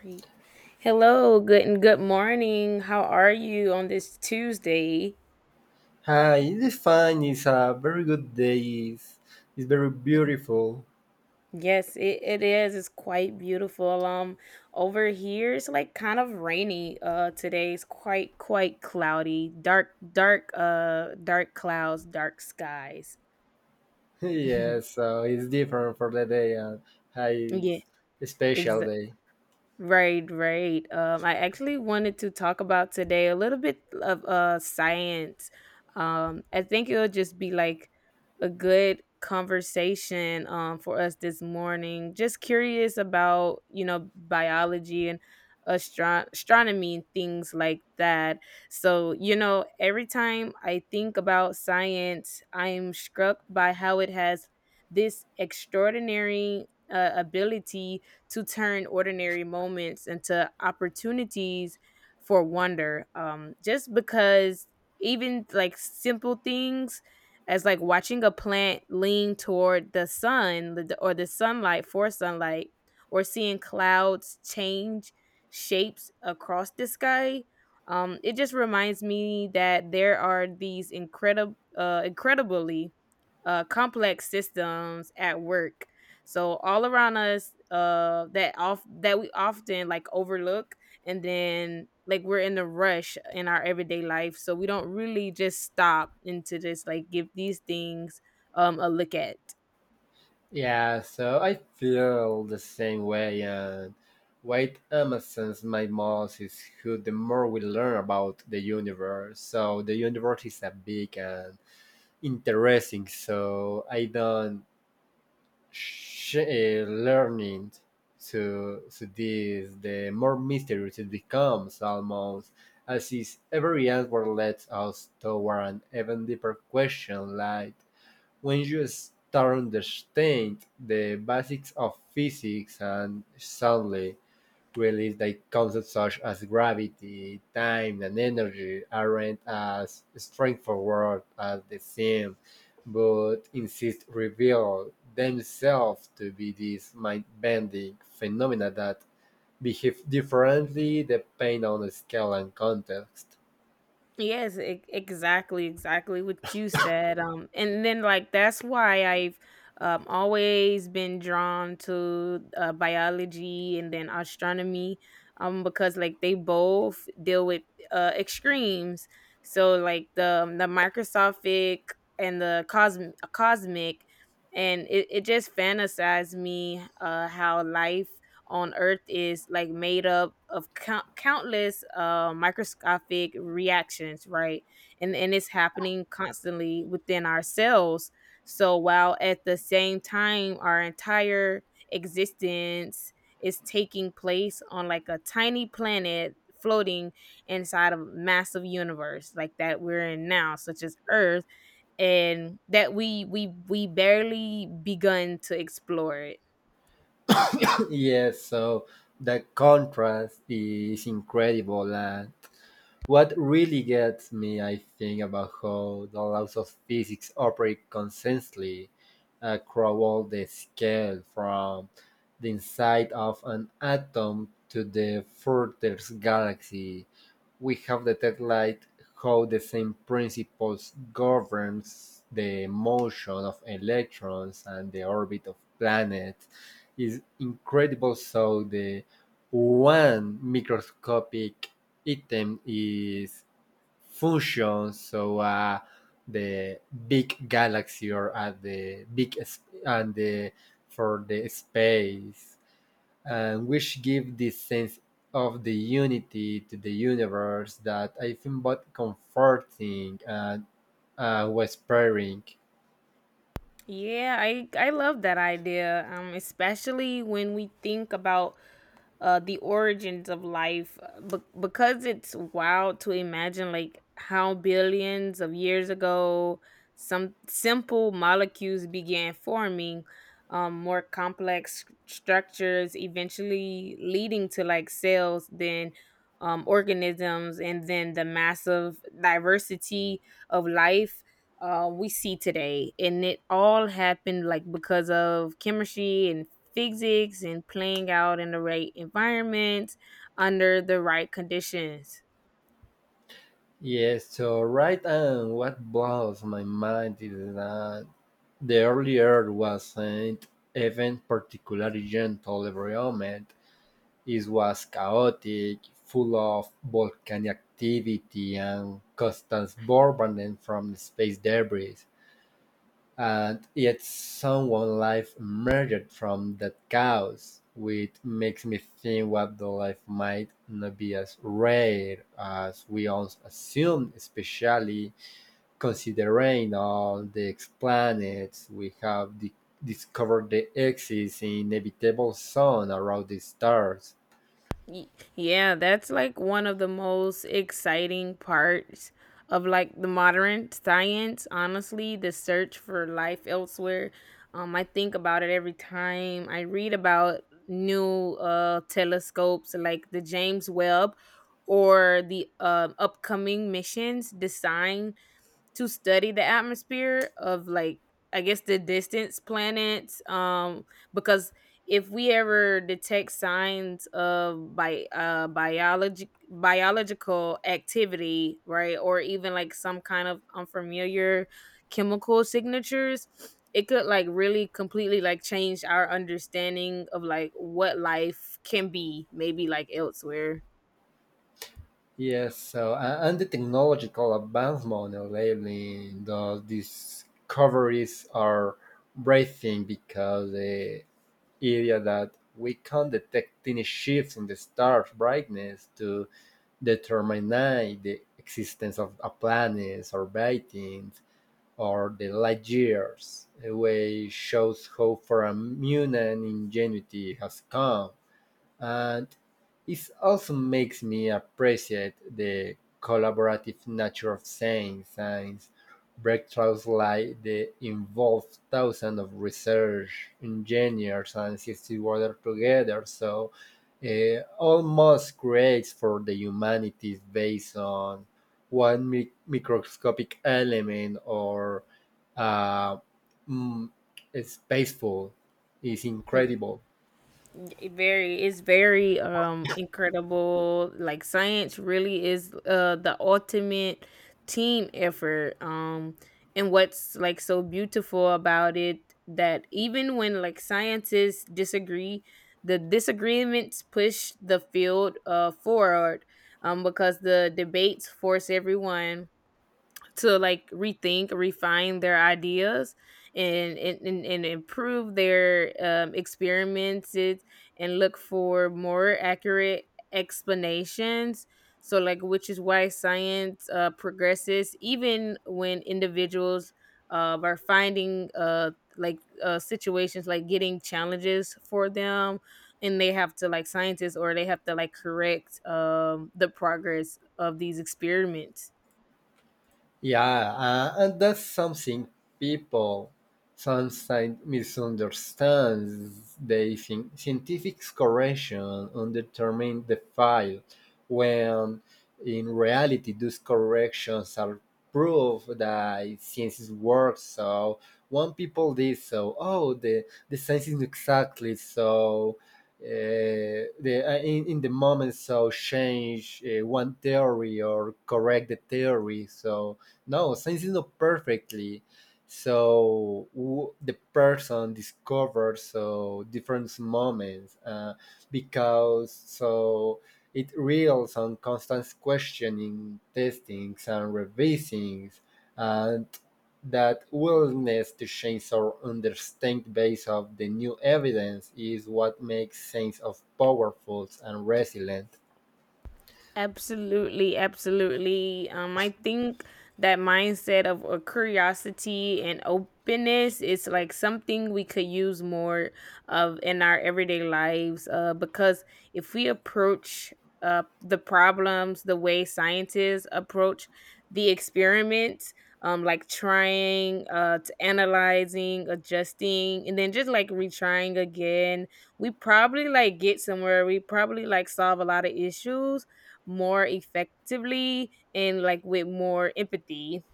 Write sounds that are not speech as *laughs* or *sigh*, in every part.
Great. Hello, good and good morning. How are you on this Tuesday? Hi, it is fine. It's a very good day. It's, it's very beautiful. Yes, it is. It's quite beautiful. Over here it's like kind of rainy. Today it's quite cloudy. Dark clouds, dark skies. *laughs* Yes, *laughs* so it's different for the day and hi, Yeah, it's a special exa- day. right, right. I actually wanted to talk about today a little bit of science. I think it'll just be like a good conversation for us this morning. Just curious about, you know, biology and astronomy and things like that. So, you know, every time I think about science, I'm struck by how it has this extraordinary ability to turn ordinary moments into opportunities for wonder. Just because even like simple things as like watching a plant lean toward the sunlight or seeing clouds change shapes across the sky it just reminds me that there are these incredible incredibly complex systems at work so all around us, uh, that we often like overlook, and then like we're in the rush in our everyday life, so we don't really just stop and to just like give these things a look at. Yeah, so I feel the same way. And White Amazon's my most is who the more we learn about the universe. So the universe is a big and interesting. So I don't she learning to this, the more mysterious it becomes, almost as if every answer leads us toward an even deeper question. Like when you start understand the basics of physics, and suddenly realized that concepts such as gravity, time, and energy aren't as straightforward as they seem, but instead reveal themselves to be these mind-bending phenomena that behave differently depending on the scale and context. Yes, e exactly, exactly what you said, and then, like, that's why I've, always been drawn to, biology and then astronomy, because, like, they both deal with, extremes. So, like, the microscopic and the cosmic, and it just fantasized me, how life on Earth is like made up of countless microscopic reactions, right? And it's happening constantly within our cells. So while at the same time our entire existence is taking place on like a tiny planet floating inside of a massive universe like that we're in now such as earth and that we barely begun to explore it. *laughs* *clears throat* Yes, so the contrast is incredible. And what really gets me, I think, about how the laws of physics operate consistently across the scale from the inside of an atom to the furthest galaxy. We have detected light how the same principles governs the motion of electrons and the orbit of planets. Is incredible so the one microscopic item is fusion, so the big galaxy or the big s- and the for the space, and which give this sense of the unity to the universe that I think both comforting and whispering. Yeah, I love that idea. Especially when we think about the origins of life but because it's wild to imagine like how billions of years ago some simple molecules began forming more complex structures eventually leading to like cells then organisms and then the massive diversity of life we see today and it all happened like because of chemistry and physics and playing out in the right environment under the right conditions. Yes, so right now what blows my mind is that the early Earth wasn't even particularly gentle every moment. It was chaotic, full of volcanic activity and constant bombardment from space debris, and yet someone life emerged from that chaos, which makes me think what the life might not be as rare as we all assume, especially considering all the planets we have discovered. The exist in inevitable zone around the stars. Y- Yeah, that's like one of the most exciting parts of like the modern science, honestly, the search for life elsewhere. I think about it every time I read about new telescopes like the James Webb or the upcoming missions designed to study the atmosphere of like I guess the distance planets because if we ever detect signs of bi- biology biological activity right or even like some kind of unfamiliar chemical signatures it could like really completely like change our understanding of like what life can be maybe like elsewhere. Yes, so and the technological advancement lately, the discoveries are breathing because the idea that we can detect tiny shifts in the star's brightness to determine the existence of a planet or beings or the light years away shows how far a human ingenuity has come. And it also makes me appreciate the collaborative nature of science, science breakthroughs like the involve thousands of research engineers and scientists work together. So almost creates for the humanities based on one microscopic element or uh, mm, a spaceful is incredible. It very it's very incredible. Like science really is the ultimate team effort. And what's like so beautiful about it that even when like scientists disagree, the disagreements push the field forward because the debates force everyone to like rethink refine their ideas and and improve their experiments and look for more accurate explanations so like which is why science progresses even when individuals are finding like situations like getting challenges for them and they have to like scientists or they have to like correct the progress of these experiments. Yeah, and that's something people sometimes misunderstand. They think scientific correction determine the file, when in reality, those corrections are proof that science works. So when people did so, oh, the science is exactly so. In the moment, so change one theory or correct the theory. So no science is not perfectly so w- the person discovers so different moments because so it reels on constant questioning testings and revisings and that willingness to change or understand based of the new evidence is what makes sense of powerful and resilient. Absolutely, absolutely. I think that mindset of curiosity and openness is like something we could use more of in our everyday lives. Because if we approach the problems the way scientists approach the experiments, like trying, to analyzing, adjusting, and then just like retrying again, we probably like get somewhere. We probably like solve a lot of issues more effectively and like with more empathy.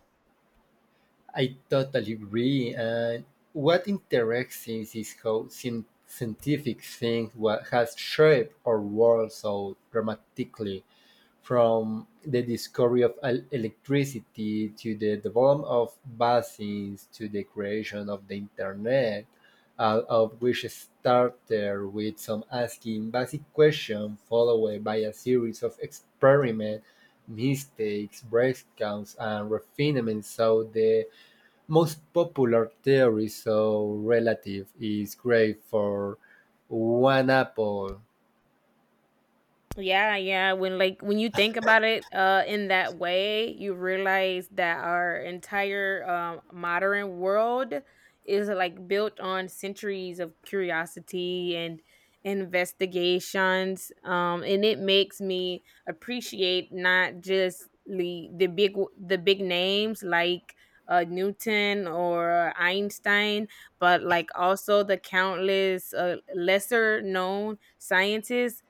I totally agree. And what interesting is how scientific things what has shaped our world so dramatically, from the discovery of electricity to the development of vaccines to the creation of the internet, all of which started with some asking basic questions followed by a series of experiments, mistakes, breakdowns, and refinements. So the most popular theories of relative is great for one apple. Yeah, yeah. When like when you think about it in that way, you realize that our entire modern world is like built on centuries of curiosity and investigations. And it makes me appreciate not just the big names like Newton or Einstein, but like also the countless lesser known scientists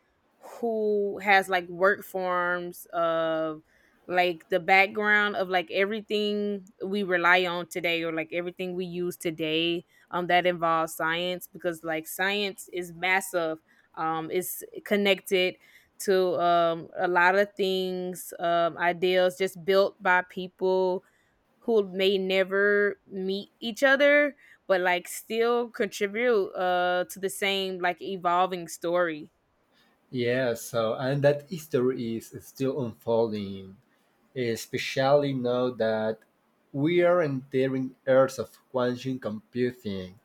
who has like work forms of like the background of like everything we rely on today or like everything we use today that involves science because like science is massive it's connected to a lot of things ideals just built by people who may never meet each other but like still contribute to the same like evolving story. Yeah, so and that history is still unfolding, especially now that we are entering eras of quantum computing,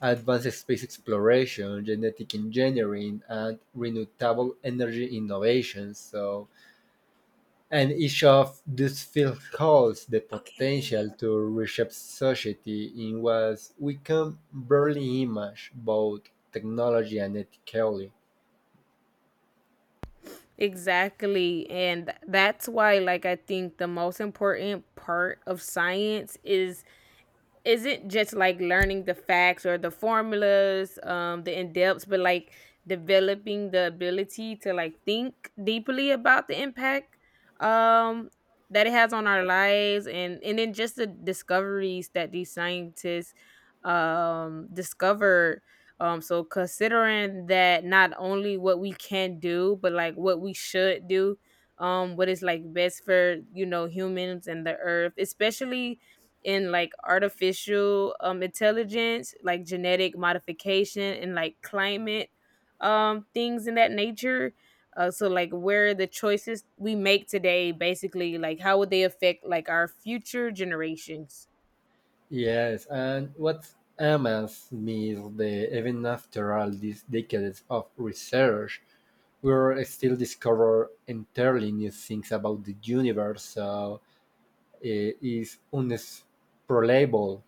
advanced space exploration, genetic engineering, and renewable energy innovation. So and each of these fields holds the Okay. Hey. potential to reshape society in ways we can barely imagine, both technology and ethically. Exactly. And that's why, like, I think the most important part of science is not just like learning the facts or the formulas, the in depths, but like developing the ability to like think deeply about the impact um, that it has on our lives, and then just the discoveries that these scientists discovered. So considering that not only what we can do, but like what we should do, what is like best for you know humans and the earth, especially in like artificial intelligence, like genetic modification and like climate things in that nature. So like where the choices we make today basically like how would they affect like our future generations. Yes, and what amazes me is that even after all these decades of research, we're still discover entirely new things about the universe. So it is unexplainable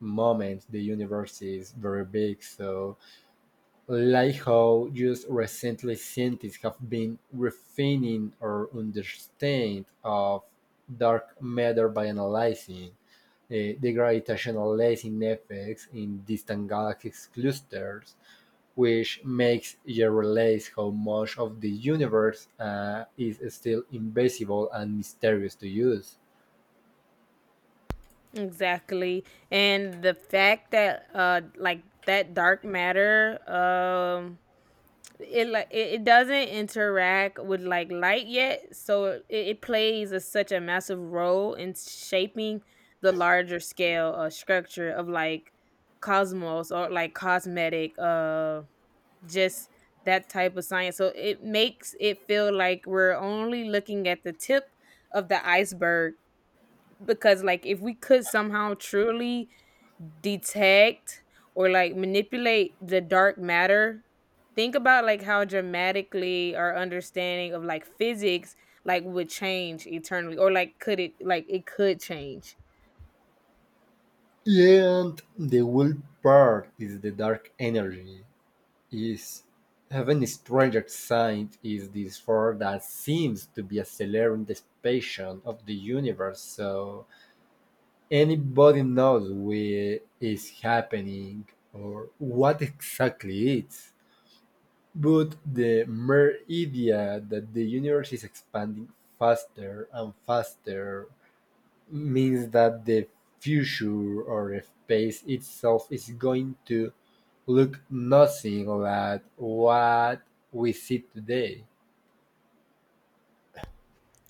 moment. The universe is very big, so like how just recently scientists have been refining our understanding of dark matter by analyzing the gravitational lensing effects in distant galaxies clusters, which makes you realize how much of the universe is still invisible and mysterious to us. Exactly. And the fact that like that dark matter it like it doesn't interact with like light yet, so it plays a, such a massive role in shaping the larger scale structure of like cosmos or like cosmetic just that type of science. So it makes it feel like we're only looking at the tip of the iceberg because like if we could somehow truly detect or like manipulate the dark matter think about like how dramatically our understanding of like physics like would change eternally or like could it like it could change. And the wild part is the dark energy. Is even stranger science is this force that seems to be accelerating the expansion of the universe, so anybody knows where is happening or what exactly it is. But the mere idea that the universe is expanding faster and faster means that the future or space itself is going to look nothing like what we see today.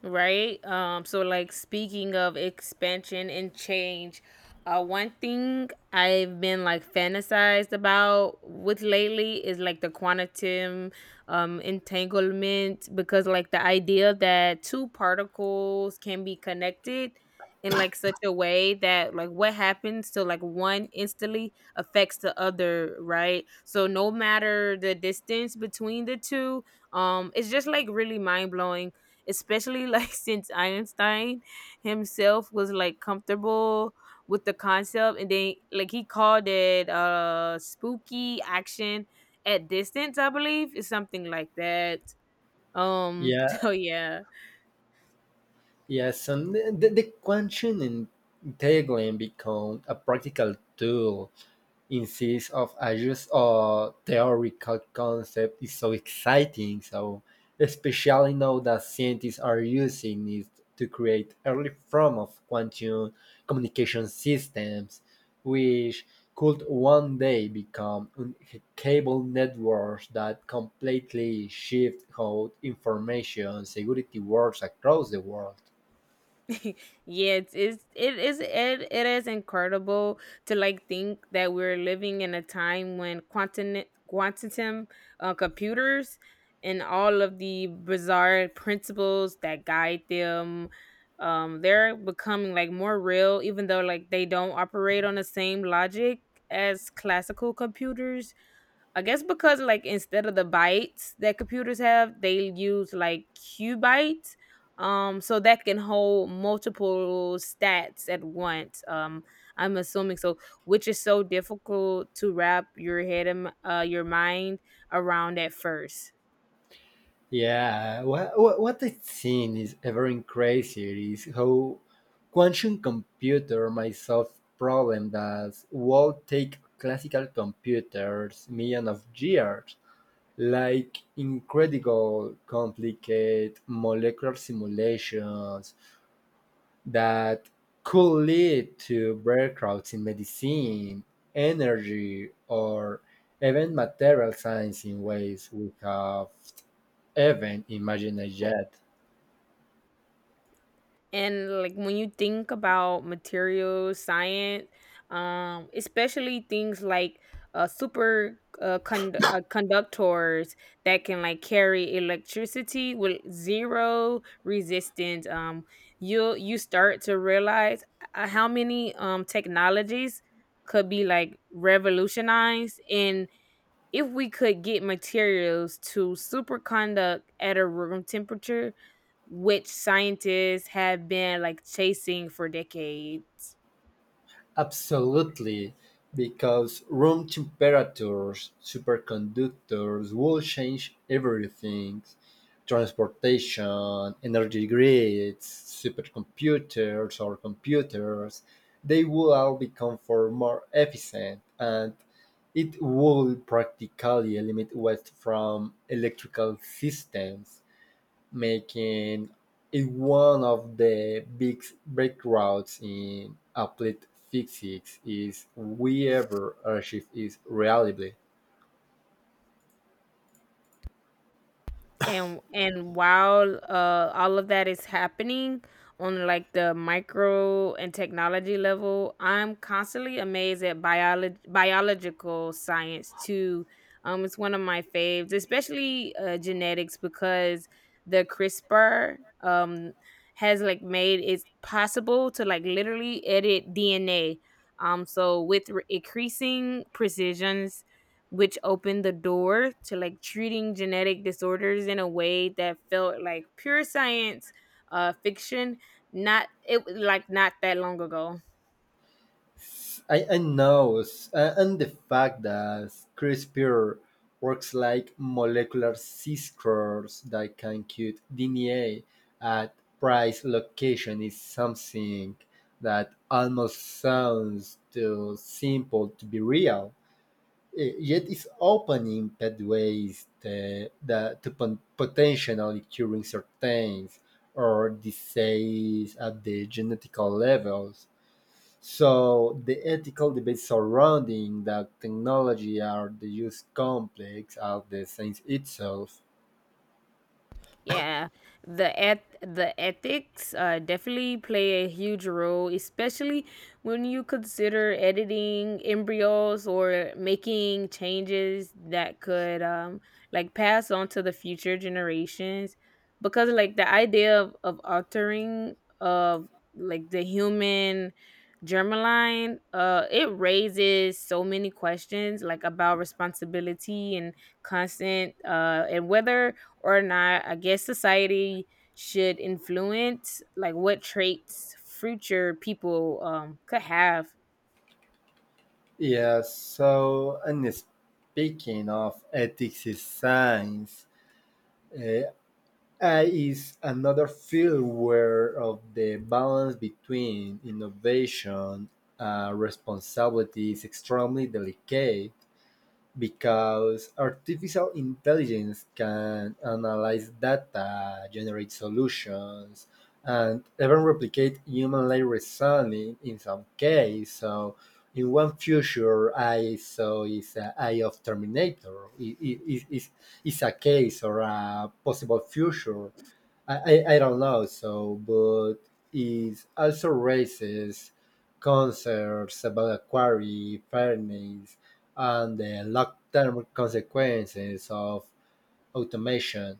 Right. So like speaking of expansion and change, one thing I've been like fantasized about with lately is like the quantum entanglement because like the idea that two particles can be connected in like such a way that like what happens to like one instantly affects the other, right? So no matter the distance between the two, it's just like really mind blowing especially like *laughs* since Einstein himself was like comfortable with the concept and then like he called it spooky action at distance, I believe, is something like that. *laughs* Yeah, so yeah. yeah. So the question in tagline become a practical tool insists of a or theoretical concept is so exciting. So especially now that scientists are using it to create early form of quantum communication systems, which could one day become cable networks that completely shift how information security works across the world. *laughs* Yeah, it is incredible to like think that we're living in a time when quantum computers and all of the bizarre principles that guide them they're becoming like more real even though like they don't operate on the same logic as classical computers I guess because like instead of the bytes that computers have, they use like qubits. So that can hold multiple stats at once. I'm assuming so, which is so difficult to wrap your your mind around at first. Yeah, what I've seen is ever crazier is how quantum computer might solve problem that would take classical computers millions of years, like incredible complicated molecular simulations that could lead to breakthroughs in medicine, energy, or even material science in ways we have even imagine yet. And like when you think about material science, especially things like conductors that can like carry electricity with zero resistance, you start to realize how many technologies could be like revolutionized in if we could get materials to superconduct at a room temperature, which scientists have been like chasing for decades. Absolutely, because room temperatures, superconductors will change everything transportation, energy grids, supercomputers, or computers. They will all become for more efficient and it will practically eliminate waste from electrical systems, making it one of the big breakthroughs in applied physics is wherever Earthshift is reliably. And while all of that is happening on like the micro and technology level I'm constantly amazed at biological science too it's one of my faves especially genetics because the CRISPR has like made it possible to like literally edit DNA so with increasing precision which opened the door to like treating genetic disorders in a way that felt like pure science fiction not it like not that long ago. I know, and the fact that CRISPR works like molecular signatures that can cut DNA at precise location is something that almost sounds too simple to be real. Eh, yet is opening pathways to, the, to potentially curing certain or disease at the genetical levels. So the ethical debates surrounding the technology are the use complex as the science itself. Yeah, the ethics definitely play a huge role, especially when you consider editing embryos or making changes that could like pass on to the future generations. Because like the idea of altering of like the human germline, it raises so many questions like about responsibility and consent, and whether or not I guess society should influence like what traits future people could have. Yeah, so and speaking of ethics is science, uh, AI is another field where of the balance between innovation and responsibility is extremely delicate because artificial intelligence can analyze data, generate solutions, and even replicate human-like reasoning in some case. So in one future, I saw is a eye of Terminator. It is it's a case or a possible future I, I don't know so, but it also raises concerns about equity, fairness, and the long-term consequences of automation.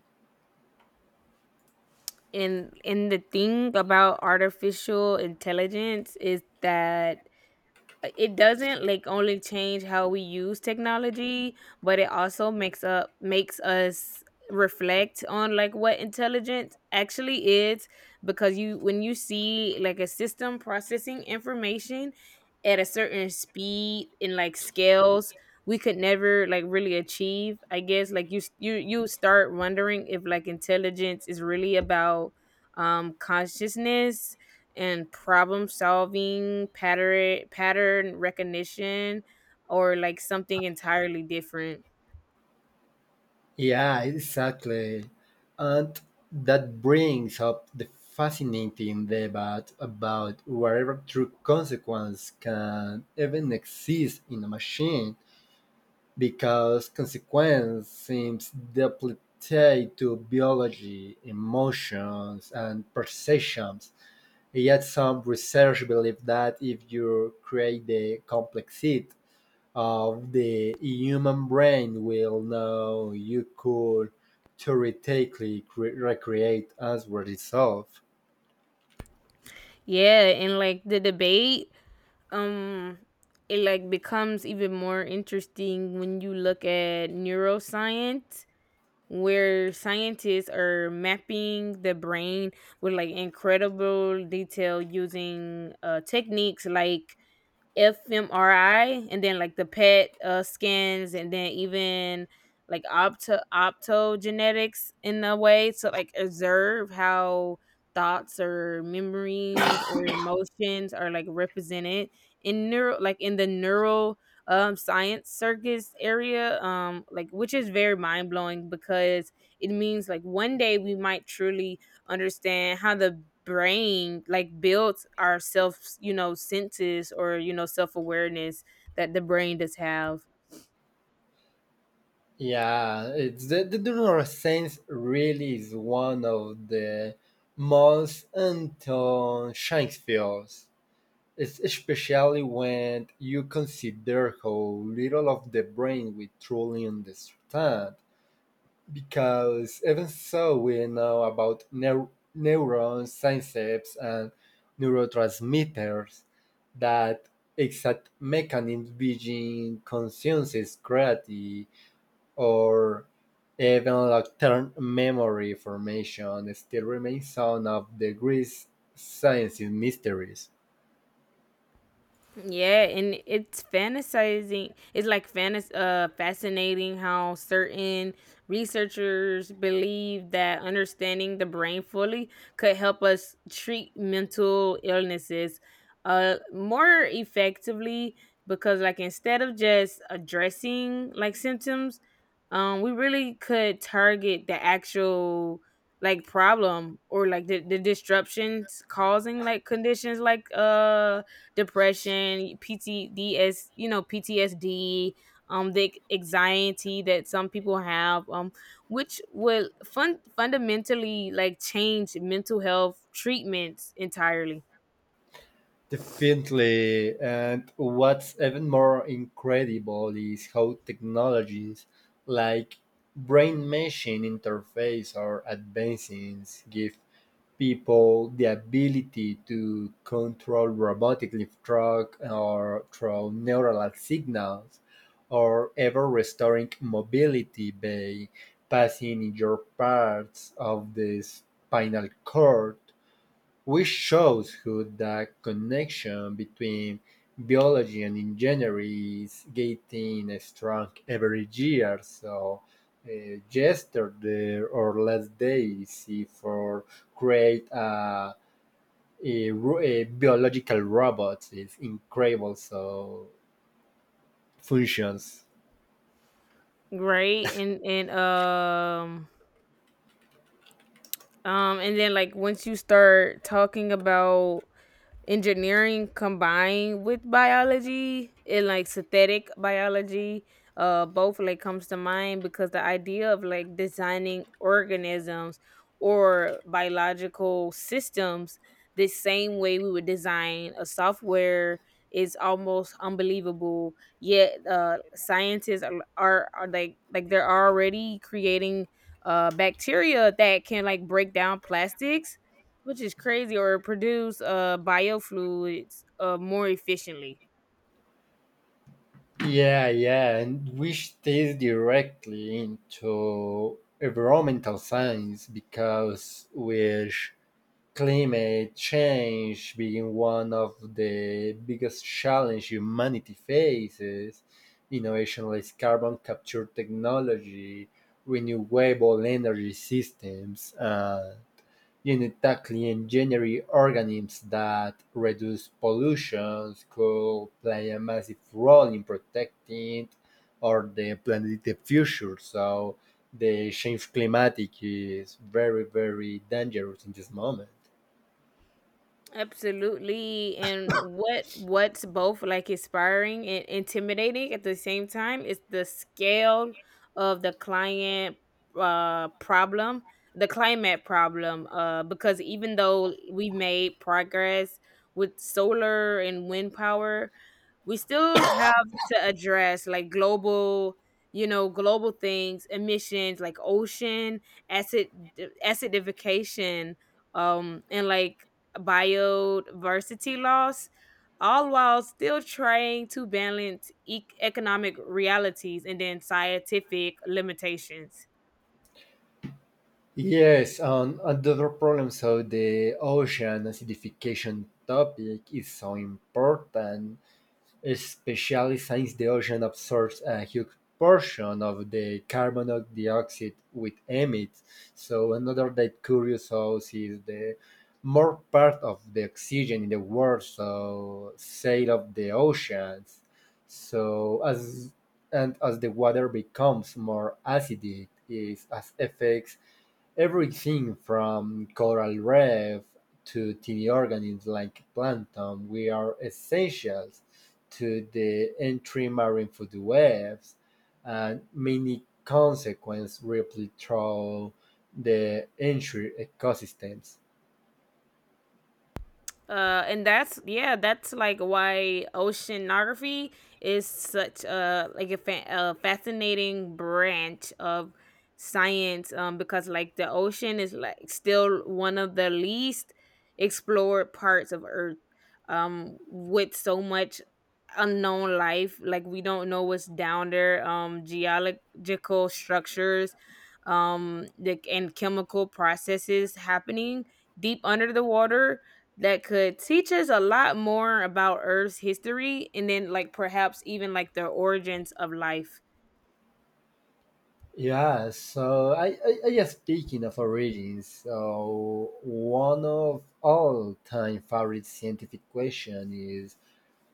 And the thing about artificial intelligence is that it doesn't like only change how we use technology but it also makes us reflect on like what intelligence actually is because you when you see like a system processing information at a certain speed and like scales we could never like really achieve I guess like you you start wondering if like intelligence is really about consciousness and problem solving, pattern recognition, or like something entirely different. Yeah, exactly. And that brings up the fascinating debate about whether true consequence can even exist in a machine because consequence seems depleted to biology, emotions, and perceptions. Yet some research believes that if you create the complexity of the human brain, will know you could theoretically recreate as a result. Yeah, and like the debate, um, it like becomes even more interesting when you look at neuroscience, where scientists are mapping the brain with like incredible detail using techniques like fMRI and then like the PET scans and then even like optogenetics in a way to like observe how thoughts or memories or emotions are like represented in neuro like in the neural science circus area like which is very mind blowing because it means like one day we might truly understand how the brain like builds our self, senses, or self-awareness that the brain does have. Yeah, it's the neuroscience really is one of the most unknown science fields. Especially when you consider how little of the brain we truly understand. Because even so, we know about neurons, synapses, and neurotransmitters that exact mechanisms behind consciousness, creativity, or even long-term memory formation still remains some of the greatest science mysteries. Yeah, and it's fantasizing. It's like fantas- fascinating how certain researchers believe that understanding the brain fully could help us treat mental illnesses more effectively because, like, instead of just addressing like symptoms, we really could target the actual like problem or like the disruptions causing like conditions like depression, PTSD, PTSD, the anxiety that some people have, which will fundamentally like change mental health treatments entirely, Definitely. And what's even more incredible is how technologies like brain machine interface are advancing give people the ability to control robotically truck or through neural signals or ever restoring mobility by passing in your parts of the spinal cord which shows who the connection between biology and engineering is getting strong every year. So yesterday or last day, see for create a biological robot is incredible. So functions. right? And and then like once you start talking about engineering combined with biology and like synthetic biology, both like comes to mind because the idea of like designing organisms or biological systems the same way we would design a software is almost unbelievable, yet scientists are like they're already creating bacteria that can like break down plastics, which is crazy, or produce biofluids more efficiently. Yeah, yeah, and which ties directly into environmental science because which climate change being one of the biggest challenge humanity faces, innovation like carbon capture technology, renewable energy systems, genetically engineering organisms that reduce pollution could play a massive role in protecting or the planet in the future. So the change climatic is very, very dangerous in this moment. Absolutely. And what's both like inspiring and intimidating at the same time is the scale of the client problem, the climate problem. Because even though we made progress with solar and wind power, we still have to address like global, global things emissions, like ocean acid acidification and like biodiversity loss, all while still trying to balance economic realities and then scientific limitations. Yes, and another problem, so the ocean acidification topic is so important, especially since the ocean absorbs a huge portion of the carbon dioxide we emit. So another that curious house is the more part of the oxygen in the world, so sale of the oceans. So as and as the water becomes more acidic, is as affects everything from coral reef to tiny organisms like plankton, we are essentials to the entry marine food webs, and many consequences ripple through the entire ecosystems. And that's, yeah, that's like why oceanography is such a like a fascinating branch of science because like the ocean is like still one of the least explored parts of Earth, with so much unknown life, like we don't know what's down there, geological structures, and chemical processes happening deep under the water that could teach us a lot more about Earth's history and then like perhaps even like the origins of life. Yeah, so I just speaking of origins, so one of all time favorite scientific question is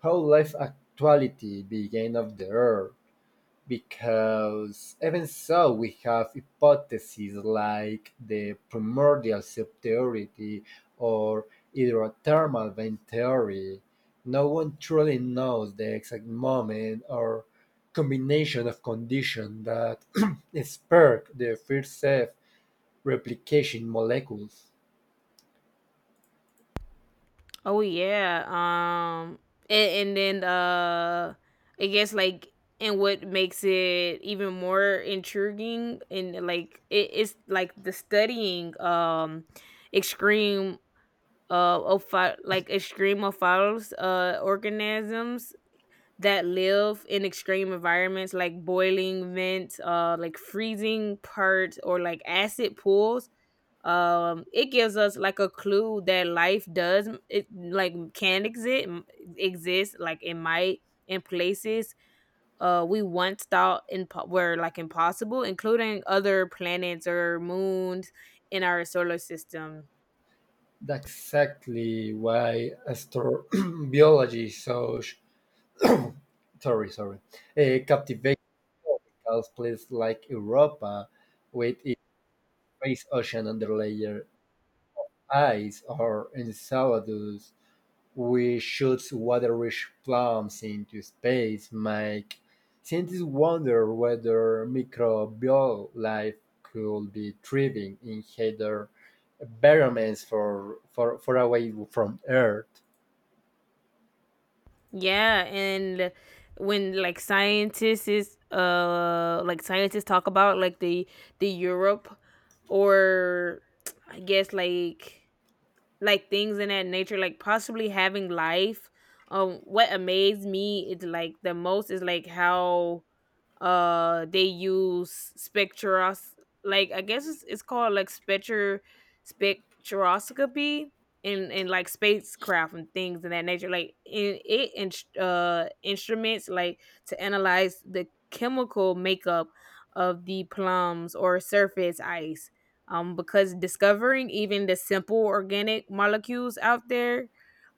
how life actuality began of the earth. Because even so we have hypotheses like the primordial soup or hydrothermal vent theory. No one truly knows the exact moment or combination of conditions that *clears throat* spark the first self replication molecules. Oh yeah. And then I guess like, and what makes it even more intriguing, and like it's like the studying extreme of like extreme organisms that live in extreme environments like boiling vents, like freezing parts, or like acid pools, it gives us like a clue that life does it like can exist, exist like it might, in places we once thought in were like impossible, including other planets or moons in our solar system. That's exactly why astrobiology *clears throat* is such *coughs* sorry, sorry, captivating tropical places like Europa, with its vast ocean underlayer ice, or Enceladus, which shoots water-rich plums into space, make scientists wonder whether microbial life could be thriving in heather environments far away from Earth. Yeah, and when like scientists talk about like the Europe, or I guess like things in that nature, like possibly having life. What amazed me is like the most is like how they use spectros like I guess it's called like spectroscopy, and like spacecraft and things of that nature, like in instruments like to analyze the chemical makeup of the plums or surface ice, because discovering even the simple organic molecules out there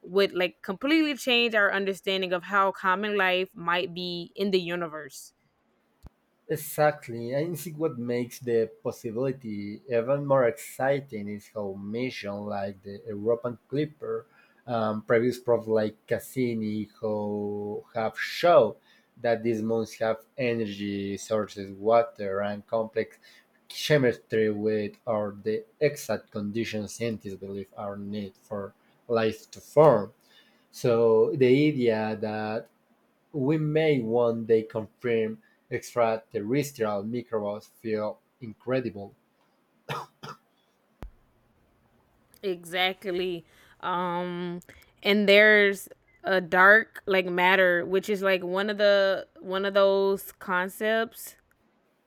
would like completely change our understanding of how common life might be in the universe. Exactly, I think what makes the possibility even more exciting is how missions like the European Clipper and previous probes like Cassini how have shown that these moons have energy sources, water, and complex chemistry, with are the exact conditions scientists believe are needed for life to form. So the idea that we may one day confirm extraterrestrial microbes feel incredible. Exactly. Um and there's a dark like matter, which is like one of the one of those concepts,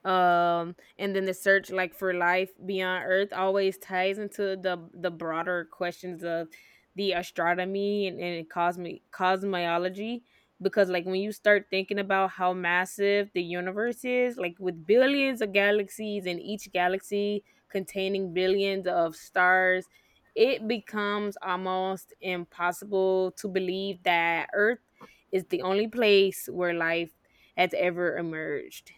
and then the search like for life beyond Earth always ties into the broader questions of the astronomy and, cosmic cosmology, because like when you start thinking about how massive the universe is, like with billions of galaxies and each galaxy containing billions of stars, it becomes almost impossible to believe that Earth is the only place where life has ever emerged.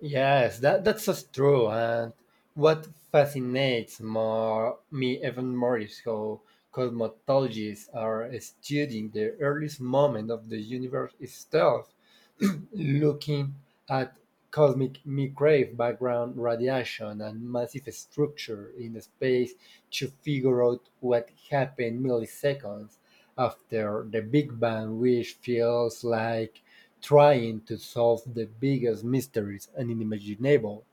Yes, that that's just true. And what fascinates more me even more is how cosmologists are studying the earliest moment of the universe itself, *clears throat* looking at cosmic microwave background radiation and massive structure in space to figure out what happened milliseconds after the Big Bang, which feels like trying to solve the biggest mysteries and unimaginable.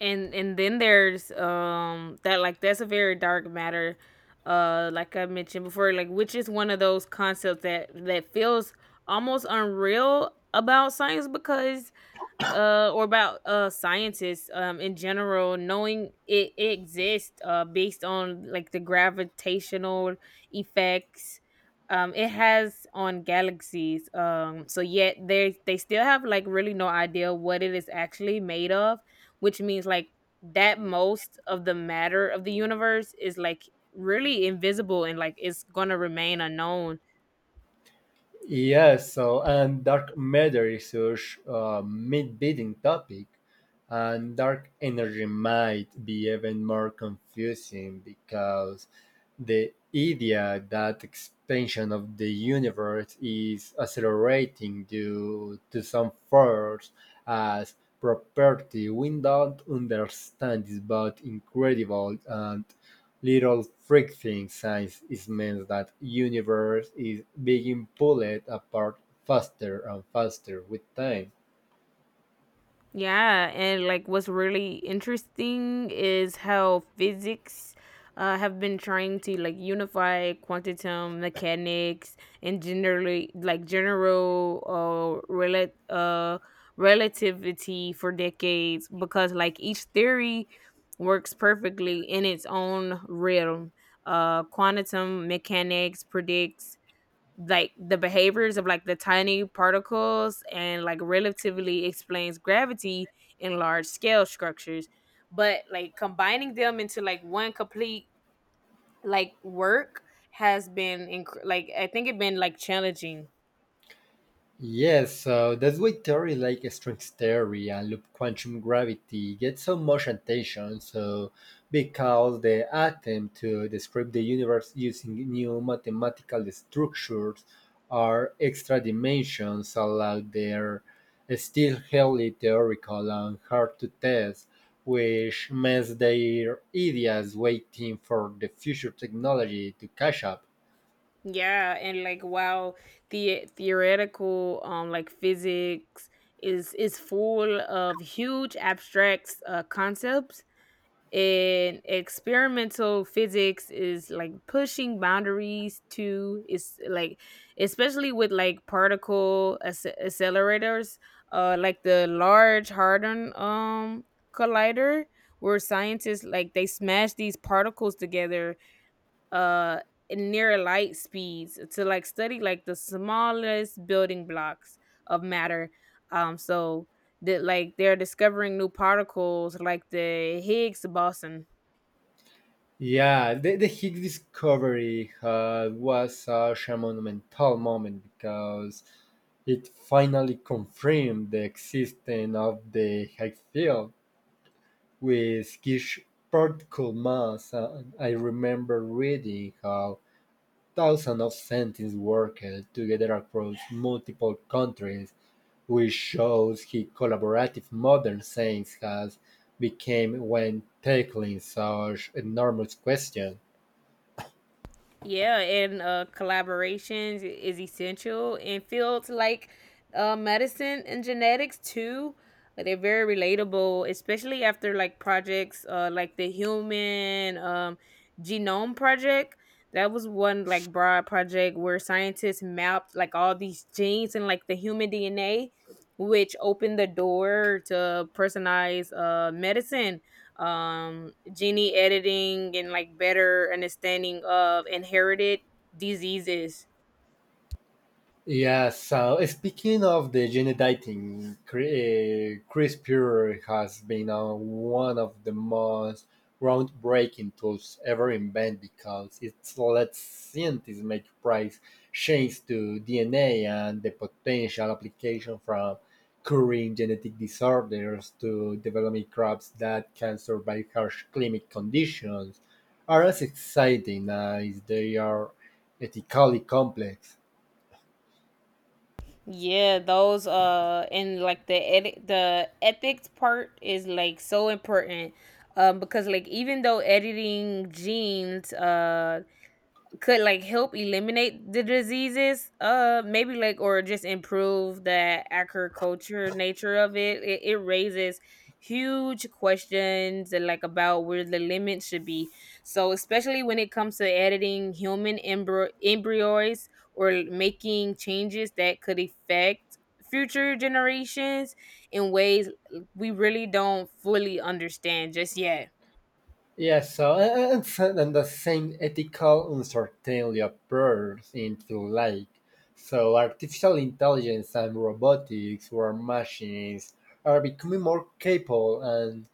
And then there's That like, that's a very dark matter, like I mentioned before, like which is one of those concepts that feels almost unreal about science, because or about scientists in general knowing it exists based on like the gravitational effects it has on galaxies, so yet they still have like really no idea what it is actually made of, which means like that most of the matter of the universe is like really invisible and like it's gonna remain unknown. Yes, so and dark matter is such a mid-beating topic, and dark energy might be even more confusing because the idea that expansion of the universe is accelerating due to some force as property we don't understand is both incredible and little freak friction size means that universe is being pulled apart faster and faster with time. Yeah, and like what's really interesting is how physics have been trying to like unify quantum mechanics and generally like general uh, rela- uh relativity for decades, because like each theory works perfectly in its own realm. Quantum mechanics predicts like the behaviors of like the tiny particles, and like relatively explains gravity in large scale structures, but like combining them into like one complete like work has been I think it been like challenging. Yes, so that's why theory like string theory and loop quantum gravity get so much attention. So, because the attempt to describe the universe using new mathematical structures or extra dimensions, although they're still highly theoretical and hard to test, which makes their ideas waiting for the future technology to catch up. Yeah, and like while the theoretical like physics is full of huge abstract concepts, and experimental physics is like pushing boundaries to, it's like, especially with like particle accelerators, like the large hadron collider, where scientists, like, they smash these particles together uh near light speeds to like study like the smallest building blocks of matter, so that like they're discovering new particles like the Higgs boson. Yeah, the Higgs discovery was such a monumental moment because it finally confirmed the existence of the Higgs field with Higgs particle mass. And I remember reading how thousands of scientists worked together across multiple countries, which shows how collaborative modern science has become when tackling such enormous questions. Yeah, and collaborations is essential in fields like medicine and genetics too. Like, they're very relatable, especially after like projects like the Human Genome Project. That was one like broad project where scientists mapped like all these genes and like the human DNA, which opened the door to personalized medicine, gene editing, and like better understanding of inherited diseases. Yeah, so speaking of the gene editing, CRISPR has been one of the most groundbreaking tools ever invented because it lets scientists make precise changes to DNA and the potential application from curing genetic disorders to developing crops that can survive harsh climate conditions are as exciting as they are ethically complex. Yeah, those and like the edit the ethics part is like so important. Um, because like even though editing genes could like help eliminate the diseases maybe, like, or just improve the agriculture nature of it, it raises huge questions and like about where the limit should be, so especially when it comes to editing human embryos or making changes that could affect future generations in ways we really don't fully understand just yet. Yes, so and, and the same ethical uncertainty appears into light. So artificial intelligence and robotics, where machines are becoming more capable, and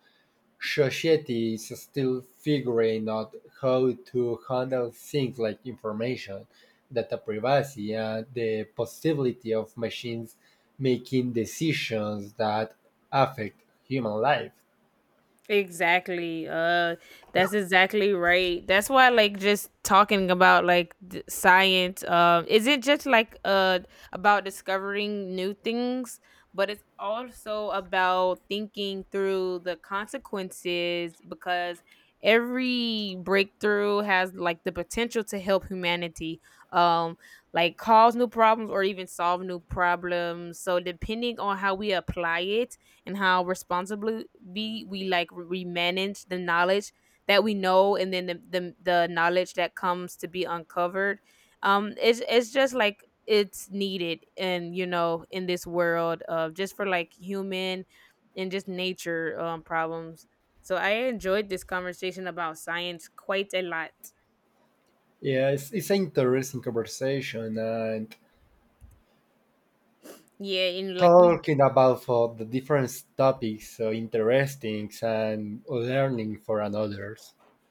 societies is still figuring out how to handle things like information, data privacy, and the possibility of machines making decisions that affect human life. Exactly. That's exactly right. That's why like just talking about like science isn't just like about discovering new things, but it's also about thinking through the consequences, because every breakthrough has like the potential to help humanity, um like cause new problems or even solve new problems. So depending on how we apply it, and how responsibly be we, like, we manage the knowledge that we know, and then the knowledge that comes to be uncovered, it's just like, it's needed, and you know, in this world of just for like human and just nature problems. So I enjoyed this conversation about science quite a lot. Yeah, it's an interesting conversation and Yeah and like we talking about for the different topics, so interesting and learning for another.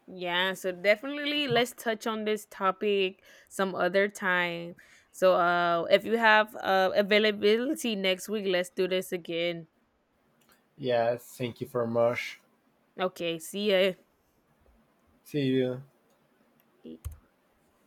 Yeah, so definitely let's touch on this topic some other time. So uh, if you have uh, availability next week, let's do this again. Yeah, thank you very much. Okay, see See you. ya.